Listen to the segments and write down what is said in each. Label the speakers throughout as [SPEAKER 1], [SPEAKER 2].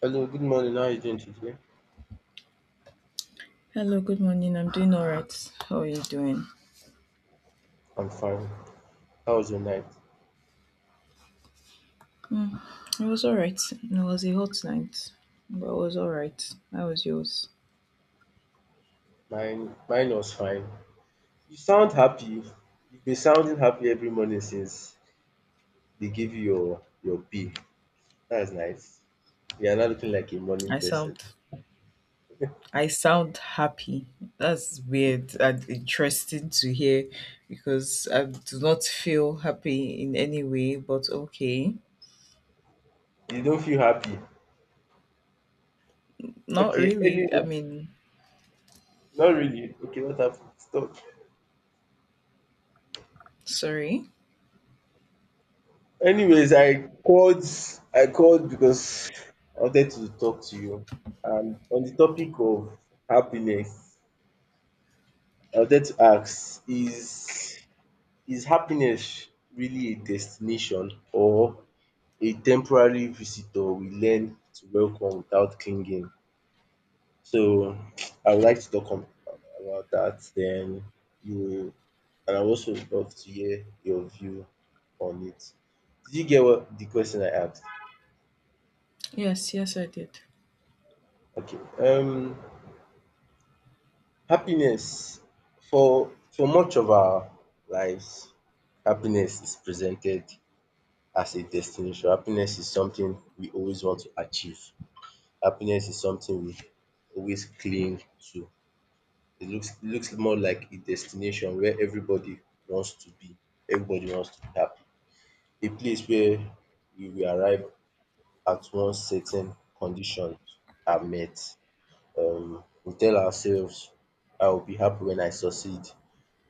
[SPEAKER 1] Hello, good morning. How are you doing today?
[SPEAKER 2] Hello, good morning. I'm doing all right. How are you doing?
[SPEAKER 1] I'm fine. How was your night?
[SPEAKER 2] Hmm. I was all right. It was a hot night, but I was all right. How was yours?
[SPEAKER 1] Mine was fine. You sound happy. You've been sounding happy every morning since they gave you your pay. That's nice. You are not looking like a morning
[SPEAKER 2] I
[SPEAKER 1] person.
[SPEAKER 2] sound, I sound happy. That's weird and interesting to hear, because I do not feel happy in any way. But okay,
[SPEAKER 1] You don't feel happy.
[SPEAKER 2] not
[SPEAKER 1] Okay.
[SPEAKER 2] really.
[SPEAKER 1] Anyway, not really. Okay, what happened? Stop.
[SPEAKER 2] Sorry.
[SPEAKER 1] Anyways, I called. I called because I wanted to talk to you. And on the topic of happiness, I wanted to ask: Is happiness really a destination or a temporary visitor we learn to welcome without clinging? So I would like to talk on about that then you will, and I would also love to hear your view on it. Did you get what the question I asked?
[SPEAKER 2] Yes, yes, I did.
[SPEAKER 1] Okay. Happiness, for much of our lives, happiness is presented as a destination. Happiness is something we always want to achieve. Happiness is something we always cling to. It looks more like a destination where everybody wants to be, everybody wants to be happy. A place where you will arrive at once certain conditions are met. We tell ourselves I will be happy when I succeed,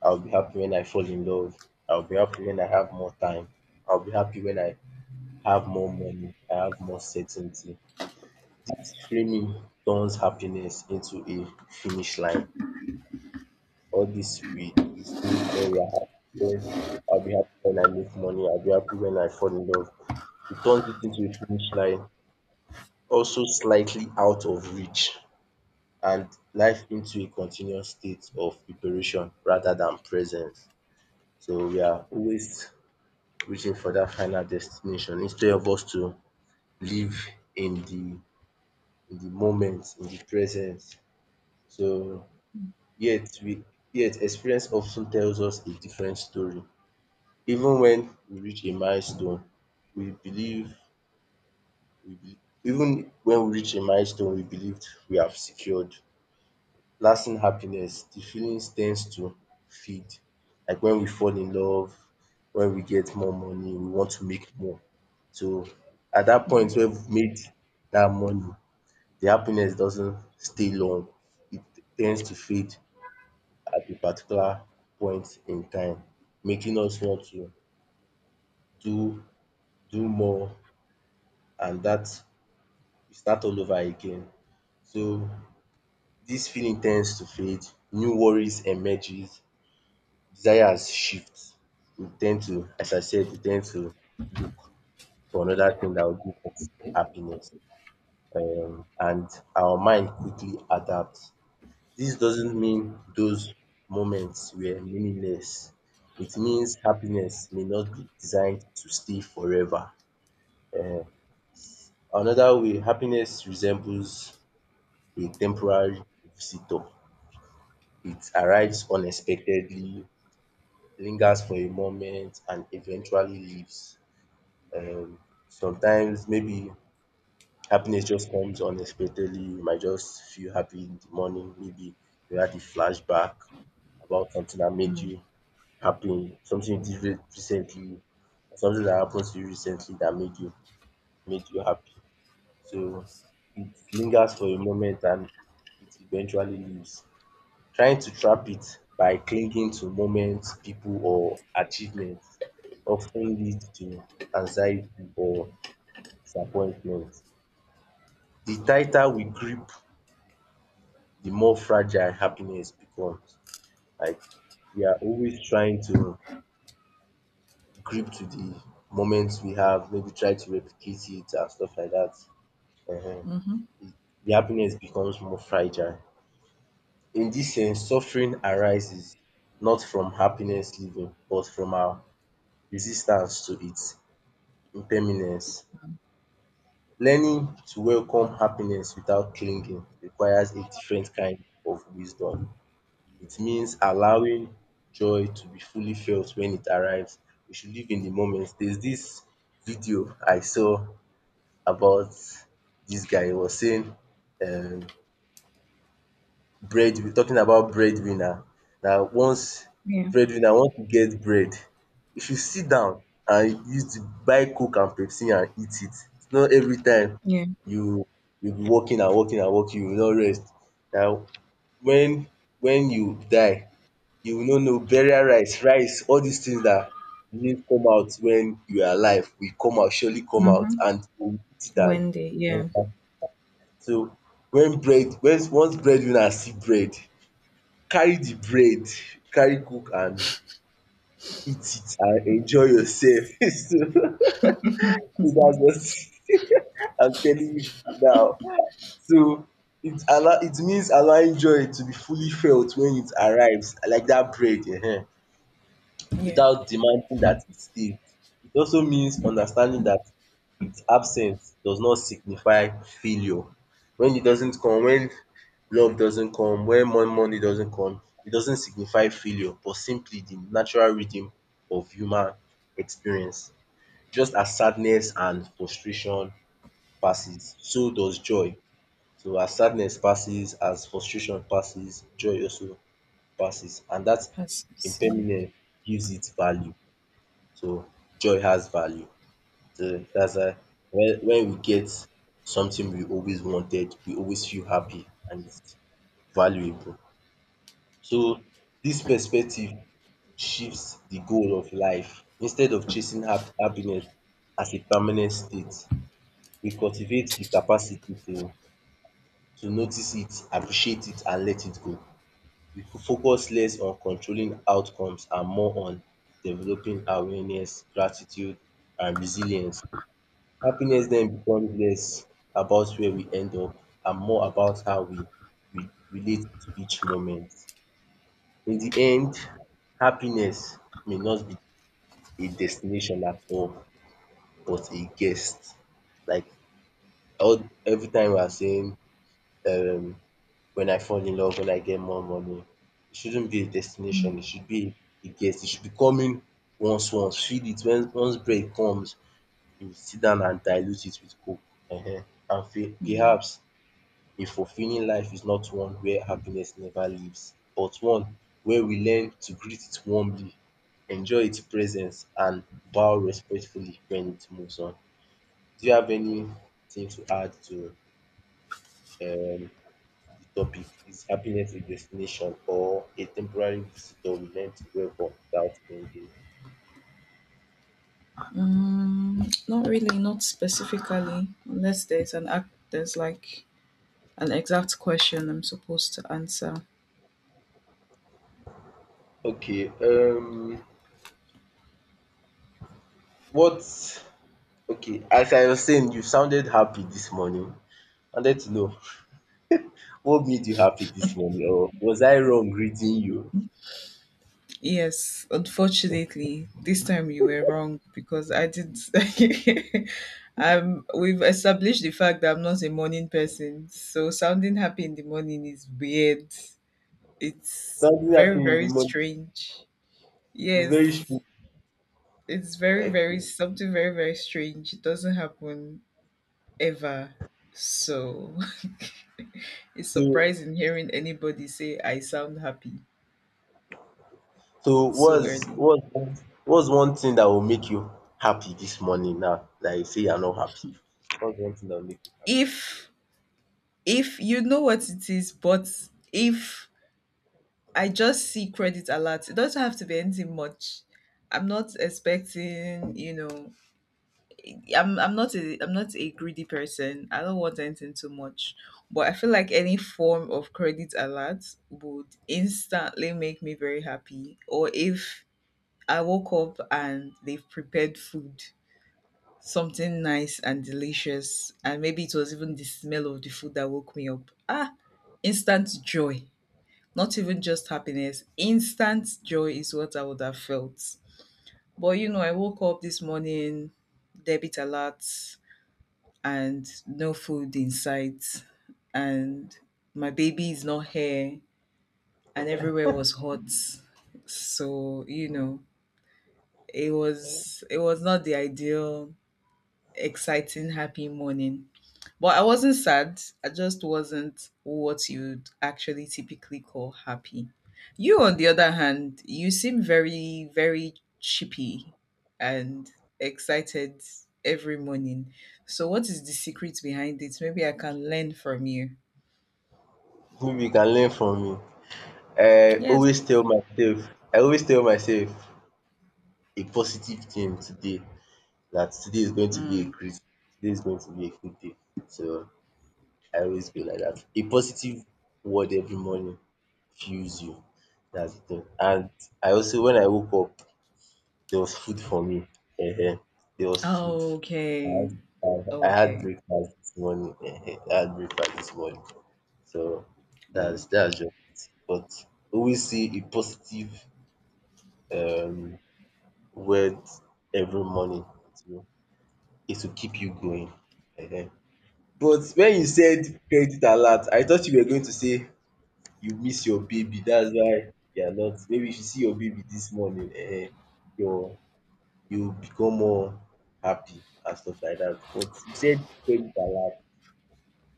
[SPEAKER 1] I will be happy when I fall in love, I will be happy when I have more time, I will be happy when I have more money, I have more certainty. Dis training turns happiness into a finish line. All this we say when we are happy, when I'll be happy when I make money, I'll be happy when I fall in love. It turns it into a finish line, also slightly out of reach, and life into a continuous state of preparation rather than presence. So we are always reaching for that final destination instead of us to live in the moment, in the presence. So Yet we yet experience often tells us a different story. Even when we reach a milestone, we believe we be Even when we reach a milestone we believed we have secured lasting happiness, the feelings tends to fade. Like when we fall in love, when we get more money, we want to make more. So at that
[SPEAKER 2] Hmm.
[SPEAKER 1] point when we've made that money, the happiness doesn't stay long. It tends to fade at a particular point in time, making us want to do do more, and that we start all over again. So this feeling tends to fade, new worries emerges, desires shift. We tend to as I said, we tend to look for another thing that will give us happiness, and our mind quickly adapts. This doesn't mean those moments were meaningless. It means happiness may not be designed to stay forever. Eh, another way, happiness resembles a temporary visitor. It arrives unexpectedly, lingers for a moment, and eventually leaves. Um, Sometimes maybe happiness just comes unexpectedly. You might just feel happy in the morning. Maybe you had a flashback about something that made
[SPEAKER 2] Hmm.
[SPEAKER 1] you happy, something you did recently, something that happened to you recently that made you happy. So it lingers for a moment and it eventually leaves. Trying to trap it by clinging to moments, people or achievements often leads to anxiety or disappointment. The tighter we grip, the more fragile happiness becomes. Like we are always trying to grip to the moments we have, maybe try to replicate it and stuff like that. Ehen.
[SPEAKER 2] Mm-hmm.
[SPEAKER 1] The happiness becomes more fragile. In this sense, suffering arises not from happiness living, but from our resistance to its impermanence. Learning to welcome happiness without clinging requires a different kind of wisdom. It means allowing joy to be fully felt when it arrives. We should live in the moment. There's this video I saw about dis guy. He was saying um bread, talking about breadwinner, dat once
[SPEAKER 2] Yeah.
[SPEAKER 1] breadwinner want to get bread, e should sit down and use the buy coke and Pepsi and eat it. Not every time
[SPEAKER 2] Yeah.
[SPEAKER 1] you you be working and working and working, you no rest. Na wen wen you die you no know burial rites, rice, all dis things dat didn't come out wen you are alive will come out, surely come out,
[SPEAKER 2] Mm-hmm.
[SPEAKER 1] and you go eat it
[SPEAKER 2] One day.
[SPEAKER 1] and
[SPEAKER 2] Yeah.
[SPEAKER 1] so when bread, when once breadwinner see bread, carry the bread, carry cook and eat it and enjoy yourself.
[SPEAKER 2] It's
[SPEAKER 1] So that's what I'm telling you now. So it means allowing joy to be fully felt when it arrives, like that bread,
[SPEAKER 2] yeah.
[SPEAKER 1] without demanding that it stay. It also means understanding that its absence does not signify failure. When it doesn't come, when love doesn't come, when money doesn't come, it doesn't signify failure, but simply the natural rhythm of human experience. Just as sadness and frustration passes, so does joy. So as sadness passes, as frustration passes, joy also passes, and that
[SPEAKER 2] Passes. Yeah.
[SPEAKER 1] impermanence gives it value. So joy has value. So that's why when we get something we always wanted, we always feel happy and it's valuable. So this perspective shifts the goal of life. Instead of chasing happiness as a permanent state, we cultivate the capacity to notice it, appreciate it and let it go. We could focus less on controlling outcomes and more on developing awareness, gratitude and resilience. Happiness then becomes less about where we end up and more about how we relate to each moment. In the end, happiness may not be a destination at all, but a guest. Like all every time we are saying um when I fall in love, when I get more money, it shouldn't be a destination,
[SPEAKER 2] Mm,
[SPEAKER 1] it should be a guest. It should be coming once. Feel it when once break comes, you sit down and dilute it with coke um and
[SPEAKER 2] mm.
[SPEAKER 1] perhaps a fulfilling life is not one where happiness never leaves, but one where we learn to greet it warmly, enjoy its presence, and bow respectfully when it moves on. Do you have anything to add to um, the topic? Is happiness a destination or a temporary visitor we learn to welcome without clinging?
[SPEAKER 2] Mm, not really, not specifically, unless there's an exact question I'm supposed to answer.
[SPEAKER 1] Okay, what? Okay, as I was saying, you sounded happy this morning. I wanted to know what made you happy this morning. Or was I wrong reading you?
[SPEAKER 2] Yes, unfortunately, this time you were wrong because I did. We've established the fact that I'm not a morning person, so sounding happy in the morning is weird. It's
[SPEAKER 1] Something
[SPEAKER 2] very,
[SPEAKER 1] happened in the
[SPEAKER 2] very
[SPEAKER 1] morning.
[SPEAKER 2] strange.
[SPEAKER 1] It's very
[SPEAKER 2] Yes,
[SPEAKER 1] strange.
[SPEAKER 2] it's very, very
[SPEAKER 1] Okay.
[SPEAKER 2] something very, very strange. It doesn't happen ever. So it's
[SPEAKER 1] So,
[SPEAKER 2] surprising hearing anybody say I sound happy
[SPEAKER 1] so
[SPEAKER 2] so
[SPEAKER 1] what's
[SPEAKER 2] early.
[SPEAKER 1] what's one- what's one thing that will make you happy this morning, now that you say you're not happy? What's one thing that will make you happy this
[SPEAKER 2] If if you know what it is, but if I just see credit alert, it doesn't have to be anything much. I'm not expecting, I'm not a greedy person. I don't want anything too much. But I feel like any form of credit alert would instantly make me very happy. Or if I woke up and they've prepared food, something nice and delicious. And maybe it was even the smell of the food that woke me up. Ah, instant joy. Not even just happiness. Instant joy is what I would have felt. But you know, I woke up this morning, debit alert, and no food in sight. And my baby is not here, and everywhere was hot. So, you know, it was not the ideal, exciting, happy morning. But I wasn't sad. I just wasn't what you'd actually typically call happy. You, on the other hand, you seem very, very chippy and excited every morning. So, what is the secret behind it? Maybe I can learn from you.
[SPEAKER 1] morning? Maybe you can learn from me. I
[SPEAKER 2] Yes.
[SPEAKER 1] always tell myself, I always tell myself a positive thing today. That today is going to be a
[SPEAKER 2] Mm.
[SPEAKER 1] great, today is going to be a good day. So I always be like that. A positive word every morning fuels you. That's the thing. And I also, when I woke up, there was food for me. Ehen, there was food. I
[SPEAKER 2] Okay.
[SPEAKER 1] had, I had
[SPEAKER 2] Okay.
[SPEAKER 1] breakfast this morning. Ehen, I had breakfast this morning. So
[SPEAKER 2] Okay.
[SPEAKER 1] that's just it. But always see a positive um word every morning. It will, it will keep you going. Ehen. But when you
[SPEAKER 2] Okay.
[SPEAKER 1] said credit alert, I thought you were going to say you miss your baby, that's why you are not, maybe if you see your baby this morning eh, your you become more happy and stuff like that. But you said credit alert.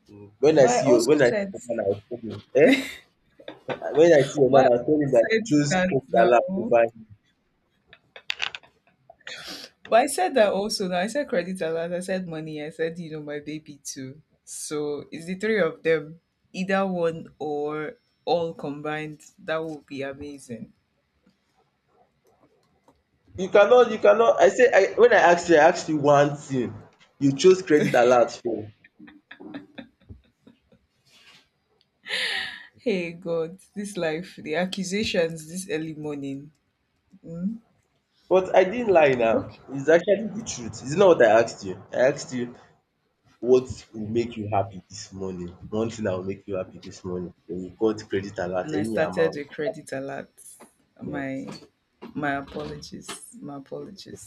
[SPEAKER 1] So
[SPEAKER 2] But I also
[SPEAKER 1] when I see
[SPEAKER 2] said,
[SPEAKER 1] your man I will tell him when I see your
[SPEAKER 2] but
[SPEAKER 1] man
[SPEAKER 2] I
[SPEAKER 1] I will tell him
[SPEAKER 2] also
[SPEAKER 1] dat
[SPEAKER 2] said
[SPEAKER 1] you chose
[SPEAKER 2] that
[SPEAKER 1] credit alert
[SPEAKER 2] now.
[SPEAKER 1] over him.
[SPEAKER 2] But I said that also. Now I said credit alert. I said money. I said you know my baby too. So it's the three of them, either one or all combined. That would be amazing.
[SPEAKER 1] You cannot I say I when I asked you one thing, you chose credit alert for
[SPEAKER 2] Hey God, this life, the accusations this early morning. Mm?
[SPEAKER 1] but I didn't lie now.
[SPEAKER 2] Okay.
[SPEAKER 1] It's actually the truth. It's not what I asked you? I asked you what will make you happy this morning. One thing that will make you happy this morning. Then you got credit alert,
[SPEAKER 2] And I
[SPEAKER 1] any
[SPEAKER 2] started
[SPEAKER 1] amount.
[SPEAKER 2] with credit alert.
[SPEAKER 1] Yeah.
[SPEAKER 2] My my apologies. My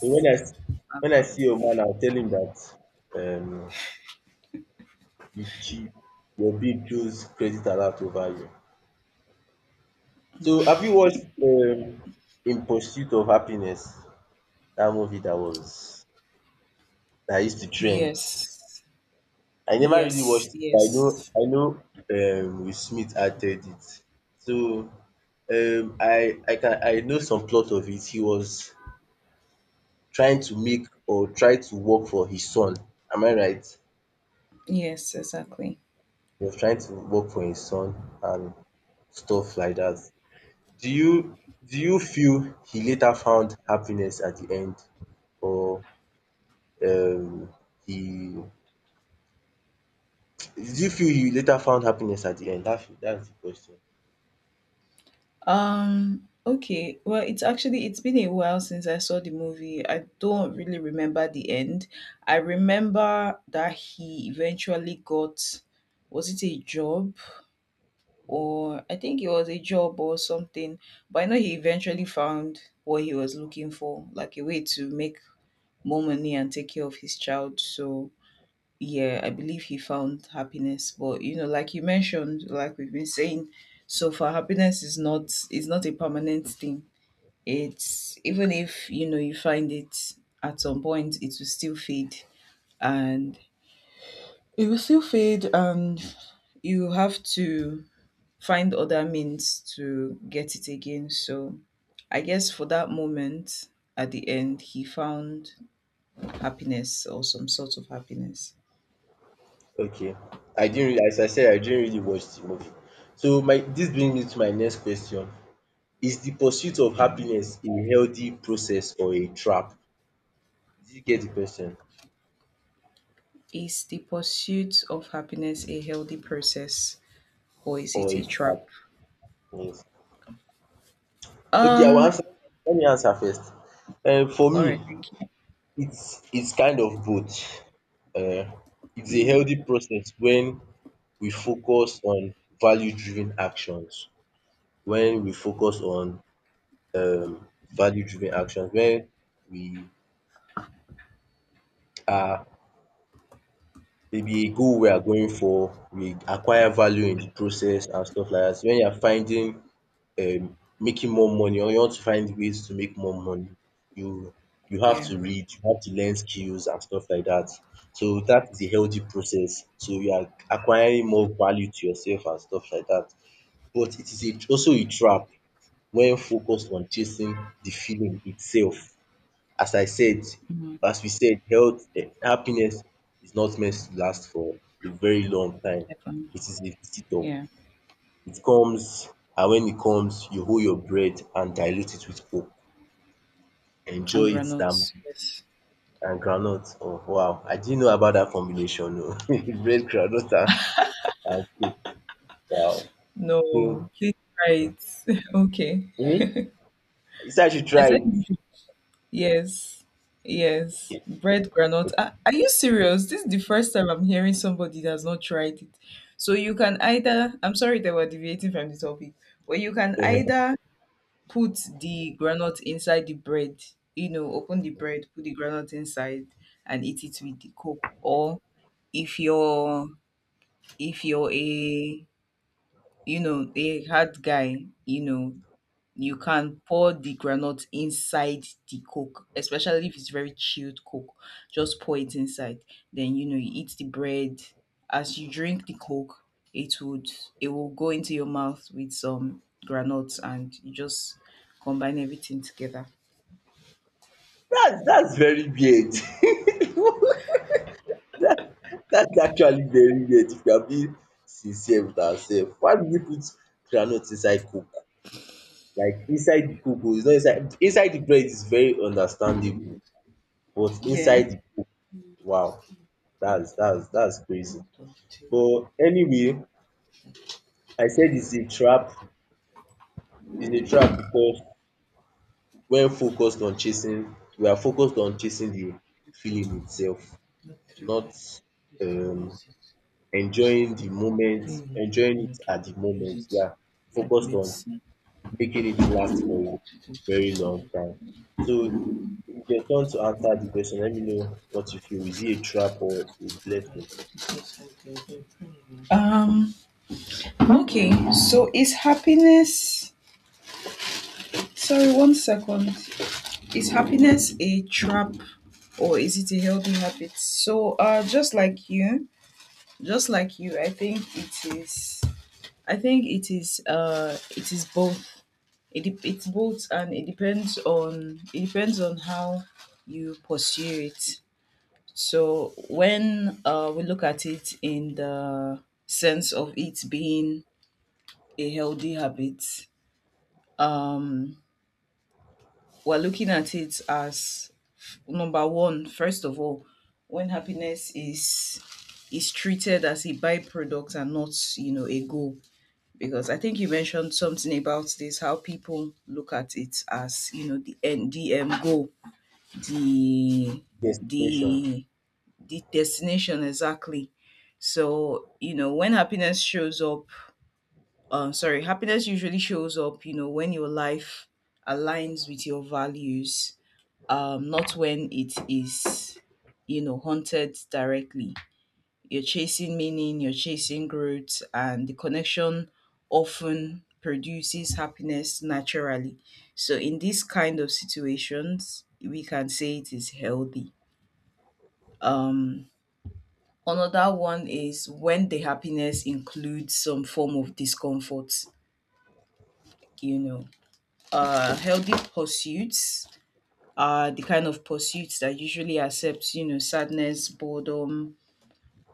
[SPEAKER 1] So
[SPEAKER 2] My
[SPEAKER 1] when I see
[SPEAKER 2] apologies.
[SPEAKER 1] your man, I'll tell him that um you cheat. Your babe chose credit alert over you. So have you watched In Pursuit of Happiness? That movie that was that used to trend.
[SPEAKER 2] Yes.
[SPEAKER 1] I never really watched
[SPEAKER 2] Yes.
[SPEAKER 1] it, but
[SPEAKER 2] Yes.
[SPEAKER 1] I know Will Smith acted it. So I know some plot of it. He was trying to make or try to work for his son. Am I right?
[SPEAKER 2] Yes. Exactly.
[SPEAKER 1] He was trying to work for his son and stuff like that. Do you do you feel he later found happiness at the end, or um he do you feel he later found happiness at the end? That's the question.
[SPEAKER 2] Okay. Well, it's actually it's been a while since I saw the movie. I don't really remember the end. I remember that he eventually got, was it a job or I think it was a job or something, but I know he eventually found what he was looking for, like a way to make more money and take care of his child. So yeah, I believe he found happiness. But you know, like you mentioned, like we've been saying so far, happiness is not a permanent thing. It's even if, you know, you find it at some point, it will still fade, and it will still fade and you have to find other means to get it again. So I guess for that moment at the end, he found happiness or some sort of happiness.
[SPEAKER 1] Okay. I didn't really, as I said, I didn't really watch the movie. So my this brings me to my next question. Is the pursuit of
[SPEAKER 2] All right.
[SPEAKER 1] happiness a healthy process or a trap? Did you get the question?
[SPEAKER 2] Is the pursuit of happiness a healthy process or is
[SPEAKER 1] Or
[SPEAKER 2] it
[SPEAKER 1] a
[SPEAKER 2] a trap?
[SPEAKER 1] trap? Yes. Okay, I will
[SPEAKER 2] Um,
[SPEAKER 1] answer. Let me answer first. For
[SPEAKER 2] all right,
[SPEAKER 1] me,
[SPEAKER 2] thank you.
[SPEAKER 1] it's kind of both. Uh, it's a
[SPEAKER 2] Mm,
[SPEAKER 1] healthy process when we focus on value-driven actions. When we focus on um, value-driven actions, when we are maybe go where goal we are going for, we acquire value in the process and stuff like that. So when you are finding making more money or you want to find ways to make more money, you you have
[SPEAKER 2] yeah.
[SPEAKER 1] to read, you have to learn skills and stuff like that. So that is a healthy process. So you are acquiring more value to yourself and stuff like that. But it is a also a trap when focused on chasing the feeling itself as I said,
[SPEAKER 2] Mm,
[SPEAKER 1] as we said, health, eh, happiness is not meant to last for a very long time.
[SPEAKER 2] that one.
[SPEAKER 1] It is a visitor.
[SPEAKER 2] Yeah.
[SPEAKER 1] It comes, and when it comes, you hold your bread and dilute it with Coke.
[SPEAKER 2] And
[SPEAKER 1] Enjoy it damn,
[SPEAKER 2] granuts. Yes.
[SPEAKER 1] and groundnut. Oh wow, I didn't know about that combination. No. Bread, groundnut and Coke. Wow.
[SPEAKER 2] No,
[SPEAKER 1] So,
[SPEAKER 2] please try
[SPEAKER 1] um,
[SPEAKER 2] it. Okay.
[SPEAKER 1] um, you said I should
[SPEAKER 2] I
[SPEAKER 1] try
[SPEAKER 2] said
[SPEAKER 1] it.
[SPEAKER 2] you should. Yes. Yes.
[SPEAKER 1] Okay.
[SPEAKER 2] Bread granite. Are you serious? This is the first time I'm hearing somebody that's not tried it. So you can either, I'm sorry that we're deviating from the topic, but you can
[SPEAKER 1] um.
[SPEAKER 2] either put the granite inside the bread, you know, open the bread, put the granite inside and eat it with the coke. Or if you're if you're a you know, a hard guy, you know, you can pour the granite inside the coke, especially if it's very chilled coke. Just pour it inside. Then you know you eat the bread. As you drink the coke, it would it will go into your mouth with some granules and you just combine everything together.
[SPEAKER 1] That's very weird. That that's actually very weird. If you are being sincere with ourself, why do we put groundnut inside coke? Like inside the coke oo, it's not inside, inside the bread is very understandable, but
[SPEAKER 2] Yeah.
[SPEAKER 1] inside the coke, wow, that's crazy. But anyway, I said it's a trap because when focused on chasing, we are focused on chasing the feeling itself, not um enjoying the moment, enjoying it at the moment. We are
[SPEAKER 2] Like
[SPEAKER 1] focused on making it last for a very long time. So it's your turn to answer the question. Let me know what you feel. Is it a trap or a blessing?
[SPEAKER 2] Um. Okay. So is happiness? Sorry, one second. Is happiness a trap or is it a healthy habit? So, just like you, I think it is. I think it is. It is both. It's both, and it depends on how you pursue it. So when we look at it in the sense of it being a healthy habit? Um, we're looking at it as number one, first of all, when happiness is treated as a byproduct and not, you know, a goal. Because I think you mentioned something about this, how people look at it as, you know, the end goal, the
[SPEAKER 1] Destination.
[SPEAKER 2] the the destination exactly. So, you know, when happiness shows up sorry happiness usually shows up, you know, when your life aligns with your values, not when it is, you know, haunted directly. You're chasing meaning, you're chasing growth, and the connection often produces happiness naturally. So in these kind of situations we can say it is healthy. um Another one is when the happiness includes some form of discomfort. You know, healthy pursuits are the kind of pursuits that usually accepts, you know, sadness, boredom,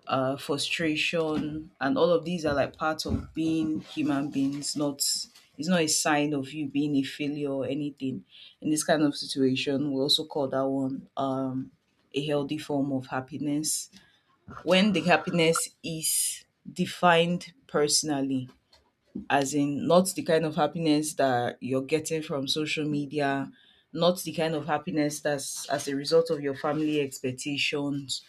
[SPEAKER 2] frustration, and all of these are like part of being human beings. Not it's not a sign of you being a failure or anything. In this kind of situation we also call that one, a healthy form of happiness. When the happiness is defined personally, as in not the kind of happiness that you're getting from social media, not the kind of happiness that's as a result of your family expectations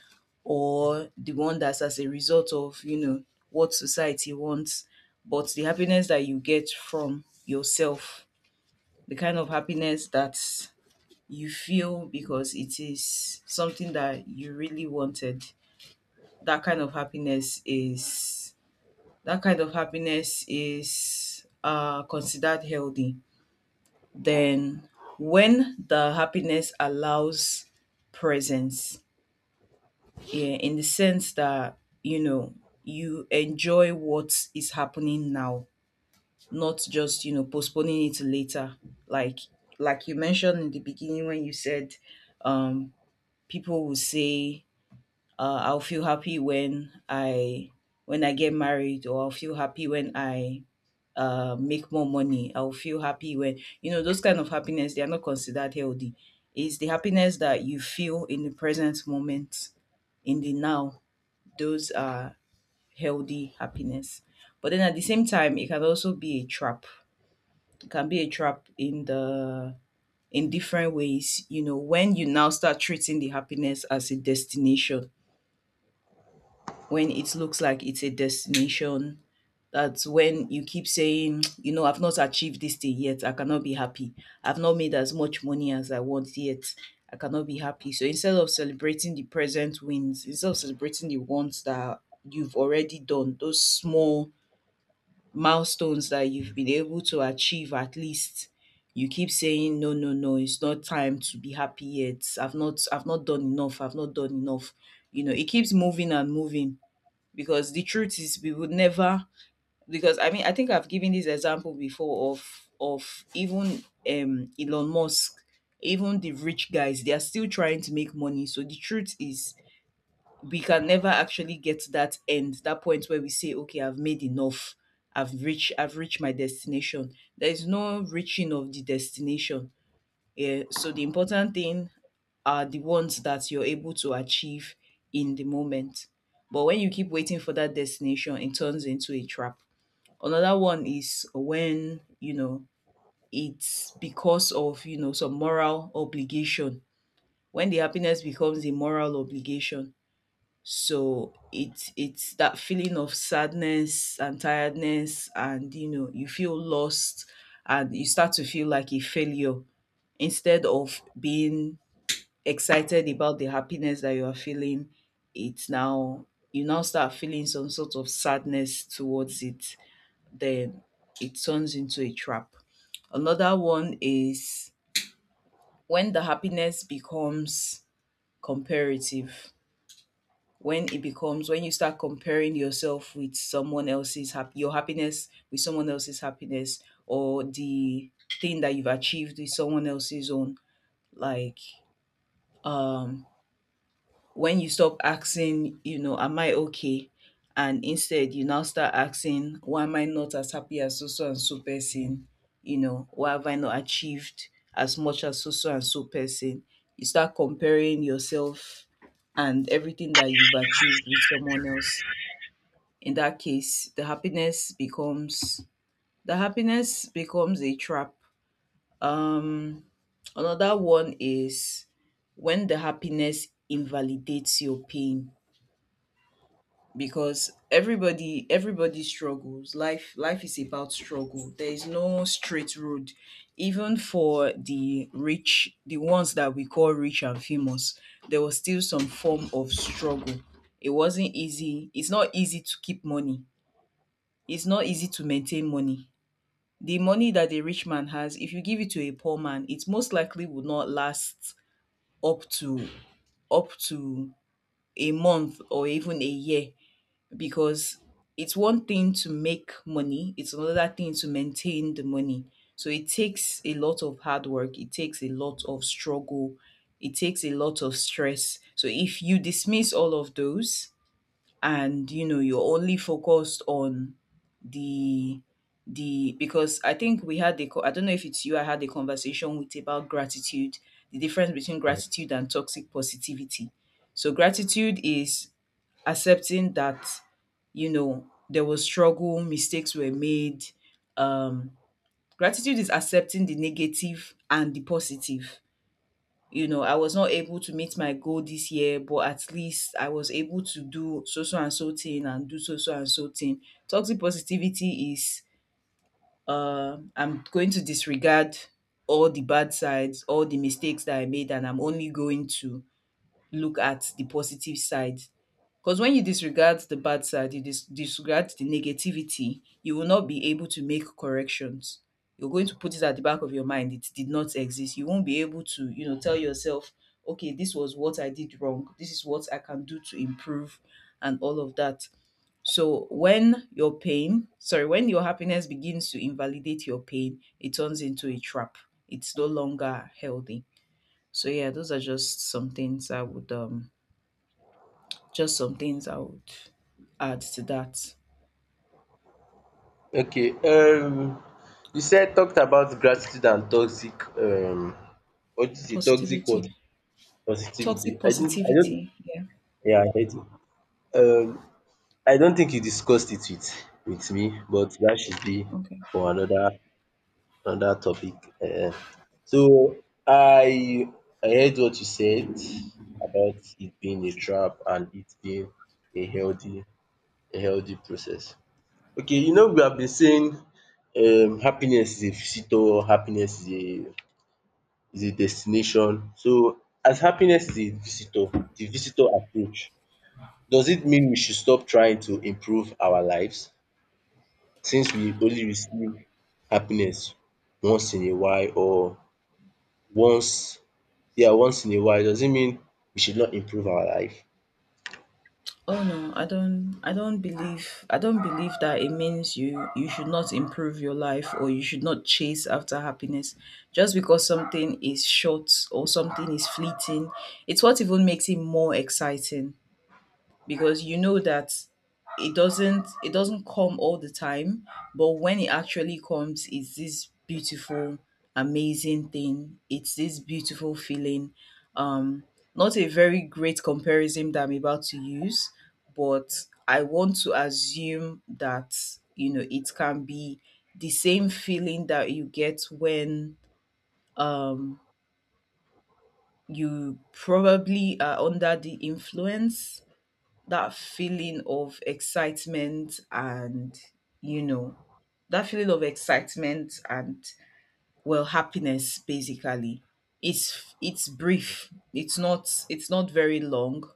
[SPEAKER 2] or the one that's as a result of, you know, what society wants, but the happiness that you get from yourself, the kind of happiness that you feel because it is something that you really wanted. That kind of happiness is that kind of happiness is, considered healthy. Then, when the happiness allows presence, yeah, in the sense that you know you enjoy what is happening now, not just you know postponing it to later. Like like you mentioned in the beginning when you said, um, people will say, "I'll feel happy when I." When I get married, or I'll feel happy when I, make more money. I'll feel happy when, you know, those kind of happiness, they are not considered healthy. It's the happiness that you feel in the present moment, in the now. Those are healthy happiness. But then at the same time, it can also be a trap. It can be a trap in the in different ways. You know, when you now start treating the happiness as a destination, when it looks like it's a destination. That's when you keep saying, you know, I've not achieved this thing yet. I cannot be happy. I've not made as much money as I want yet. I cannot be happy. So instead of celebrating the present wins, instead of celebrating the ones that you've already done, those small milestones that you've been able to achieve at least, you keep saying, no, no, no, it's not time to be happy yet. I've not done enough. I've not done enough. You know, it keeps moving and moving because the truth is we would never, because I think I've given this example before of even Elon Musk, even the rich guys, they are still trying to make money. So the truth is we can never actually get to that end, that point where we say, okay, I've made enough. I've reached my destination. There is no reaching of the destination. Yeah. So the important thing are the ones that you're able to achieve in the moment. But when you keep waiting for that destination, it turns into a trap. Another one is when, you know, it's because of, you know, some moral obligation. When the happiness becomes a moral obligation. So it's that feeling of sadness and tiredness and you know, you feel lost and you start to feel like a failure. Instead of being excited about the happiness that you are feeling, it's now you now start feeling some sort of sadness towards it, then it turns into a trap. Another one is when the happiness becomes comparative. When it becomes when you start comparing yourself with your happiness with someone else's happiness, or the thing that you've achieved with someone else's own, like um when you stop asking, you know, am I okay? And instead you now start asking, why am I not as happy as so so and so person? You know, why have I not achieved as much as so so and so person? You start comparing yourself and everything that you've achieved with someone else. In that case, the happiness becomes a trap. Um another one is when the happiness invalidates your pain, because everybody struggles. Life is about struggle. There is no straight road, even for the rich, the ones that we call rich and famous. There was still some form of struggle. It wasn't easy. It's not easy to keep money, it's not easy to maintain money. The money that a rich man has, if you give it to a poor man, it most likely would not last up to up to a month or even a year, because it's one thing to make money, it's another thing to maintain the money. So it takes a lot of hard work, it takes a lot of struggle, it takes a lot of stress. So if you dismiss all of those and, you know, you're only focused on the the because I think we had I don't know if it's you I had a conversation with, about gratitude, the difference between gratitude and toxic positivity. So gratitude is accepting that, you know, there was struggle, mistakes were made. um Gratitude is accepting the negative and the positive. You know, I was not able to meet my goal this year, but at least I was able to do so so and so thing and do so so and so thing. Toxic positivity is, I'm going to disregard all the bad sides, all the mistakes that I made, and I'm only going to look at the positive side. Because when you disregard the bad side, you disregard the negativity, you will not be able to make corrections. You're going to put it at the back of your mind. It did not exist. You won't be able to, you know, tell yourself, okay, this was what I did wrong. This is what I can do to improve, and all of that. So when your pain, sorry, when your happiness begins to invalidate your pain, it turns into a trap. It's no longer healthy. So yeah, those are just some things I would just some things I would add to that.
[SPEAKER 1] Okay. You said talked about gratitude and toxic what is it? Toxic
[SPEAKER 2] Positivity,
[SPEAKER 1] what? Positivity.
[SPEAKER 2] toxic
[SPEAKER 1] I didn't I don't
[SPEAKER 2] positivity. Yeah.
[SPEAKER 1] yeah, I heard you. Um I don't think you discussed it with me, but that should be
[SPEAKER 2] Okay.
[SPEAKER 1] for another. On that topic. um So I I heard what you said about it being a trap and it being a healthy a healthy process. Okay, you know we have been saying happiness is a visitor, happiness is a destination. So as happiness is a visitor, the visitor approach, does it mean we should stop trying to improve our lives since we only receive happiness once in a while or once yeah, once in a while does not mean we should not improve our life?
[SPEAKER 2] Oh no, I don't believe that it means you should not improve your life or you should not chase after happiness just because something is short or something is fleeting. It's what even makes it more exciting. Because you know that it doesn't come all the time, but when it actually comes, it's this beautiful, amazing thing. It's this beautiful feeling. um Not a very great comparison that I'm about to use, but I want to assume that, you know, it can be the same feeling that you get when, um you probably are under the influence. That feeling of excitement and, you know that feeling of excitement and well, happiness basically. It's brief, it's not very long.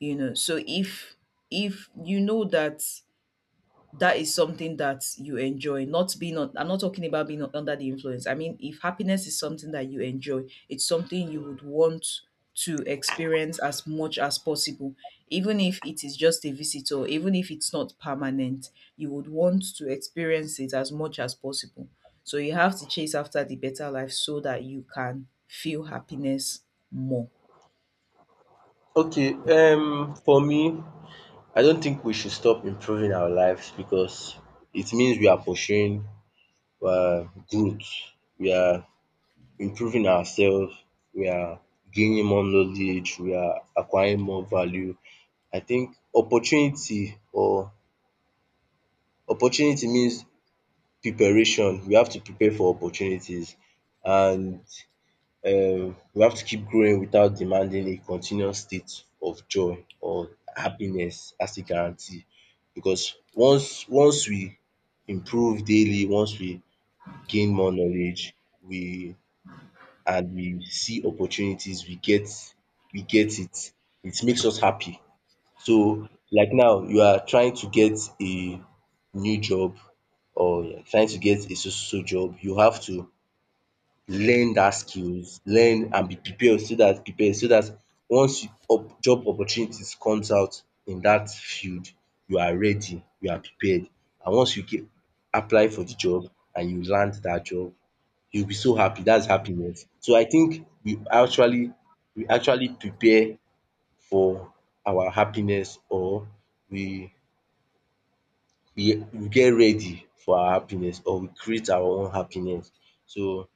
[SPEAKER 2] You know, so if, you know that that is something that you enjoy, not being on, I'm not talking about being under the influence, I mean if happiness is something that you enjoy, it's something you would want to experience as much as possible. Even if it is just a visitor, even if it's not permanent, you would want to experience it as much as possible. So you have to chase after the better life so that you can feel happiness more.
[SPEAKER 1] Okay, for me, I don't think we should stop improving our lives because it means we are pursuing growth. We are improving ourselves. We are gaining more knowledge. We are acquiring more value. I think opportunity means preparation. We have to prepare for opportunities and we have to keep growing without demanding a continuous state of joy or happiness as a guarantee, because once we improve daily, once we gain more knowledge, we and we see opportunities, we get it. It makes us happy. So like now you are trying to get a new job or you're trying to get a so so so job, you have to learn that skills, learn and be prepared so that once you op job opportunities comes out in that field, you are ready, you are prepared, and once you get apply for the job and you land that job, you will be so happy. That's happiness. So I think we actually prepare for our happiness, or we we get ready for our happiness, or we create our own happiness. So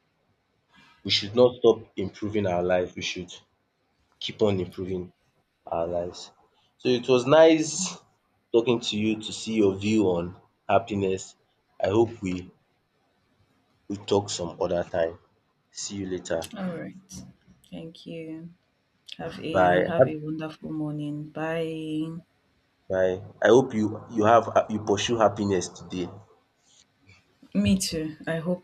[SPEAKER 1] we should not stop improving our life, we should keep on improving our lives. So it was nice talking to you to see your view on happiness. I hope we talk some other time. See you later.
[SPEAKER 2] All right, thank you. Have a have
[SPEAKER 1] Bye.
[SPEAKER 2] a wonderful morning. Bye.
[SPEAKER 1] Bye. I hope you have you pursue happiness today.
[SPEAKER 2] Me too. I hope so.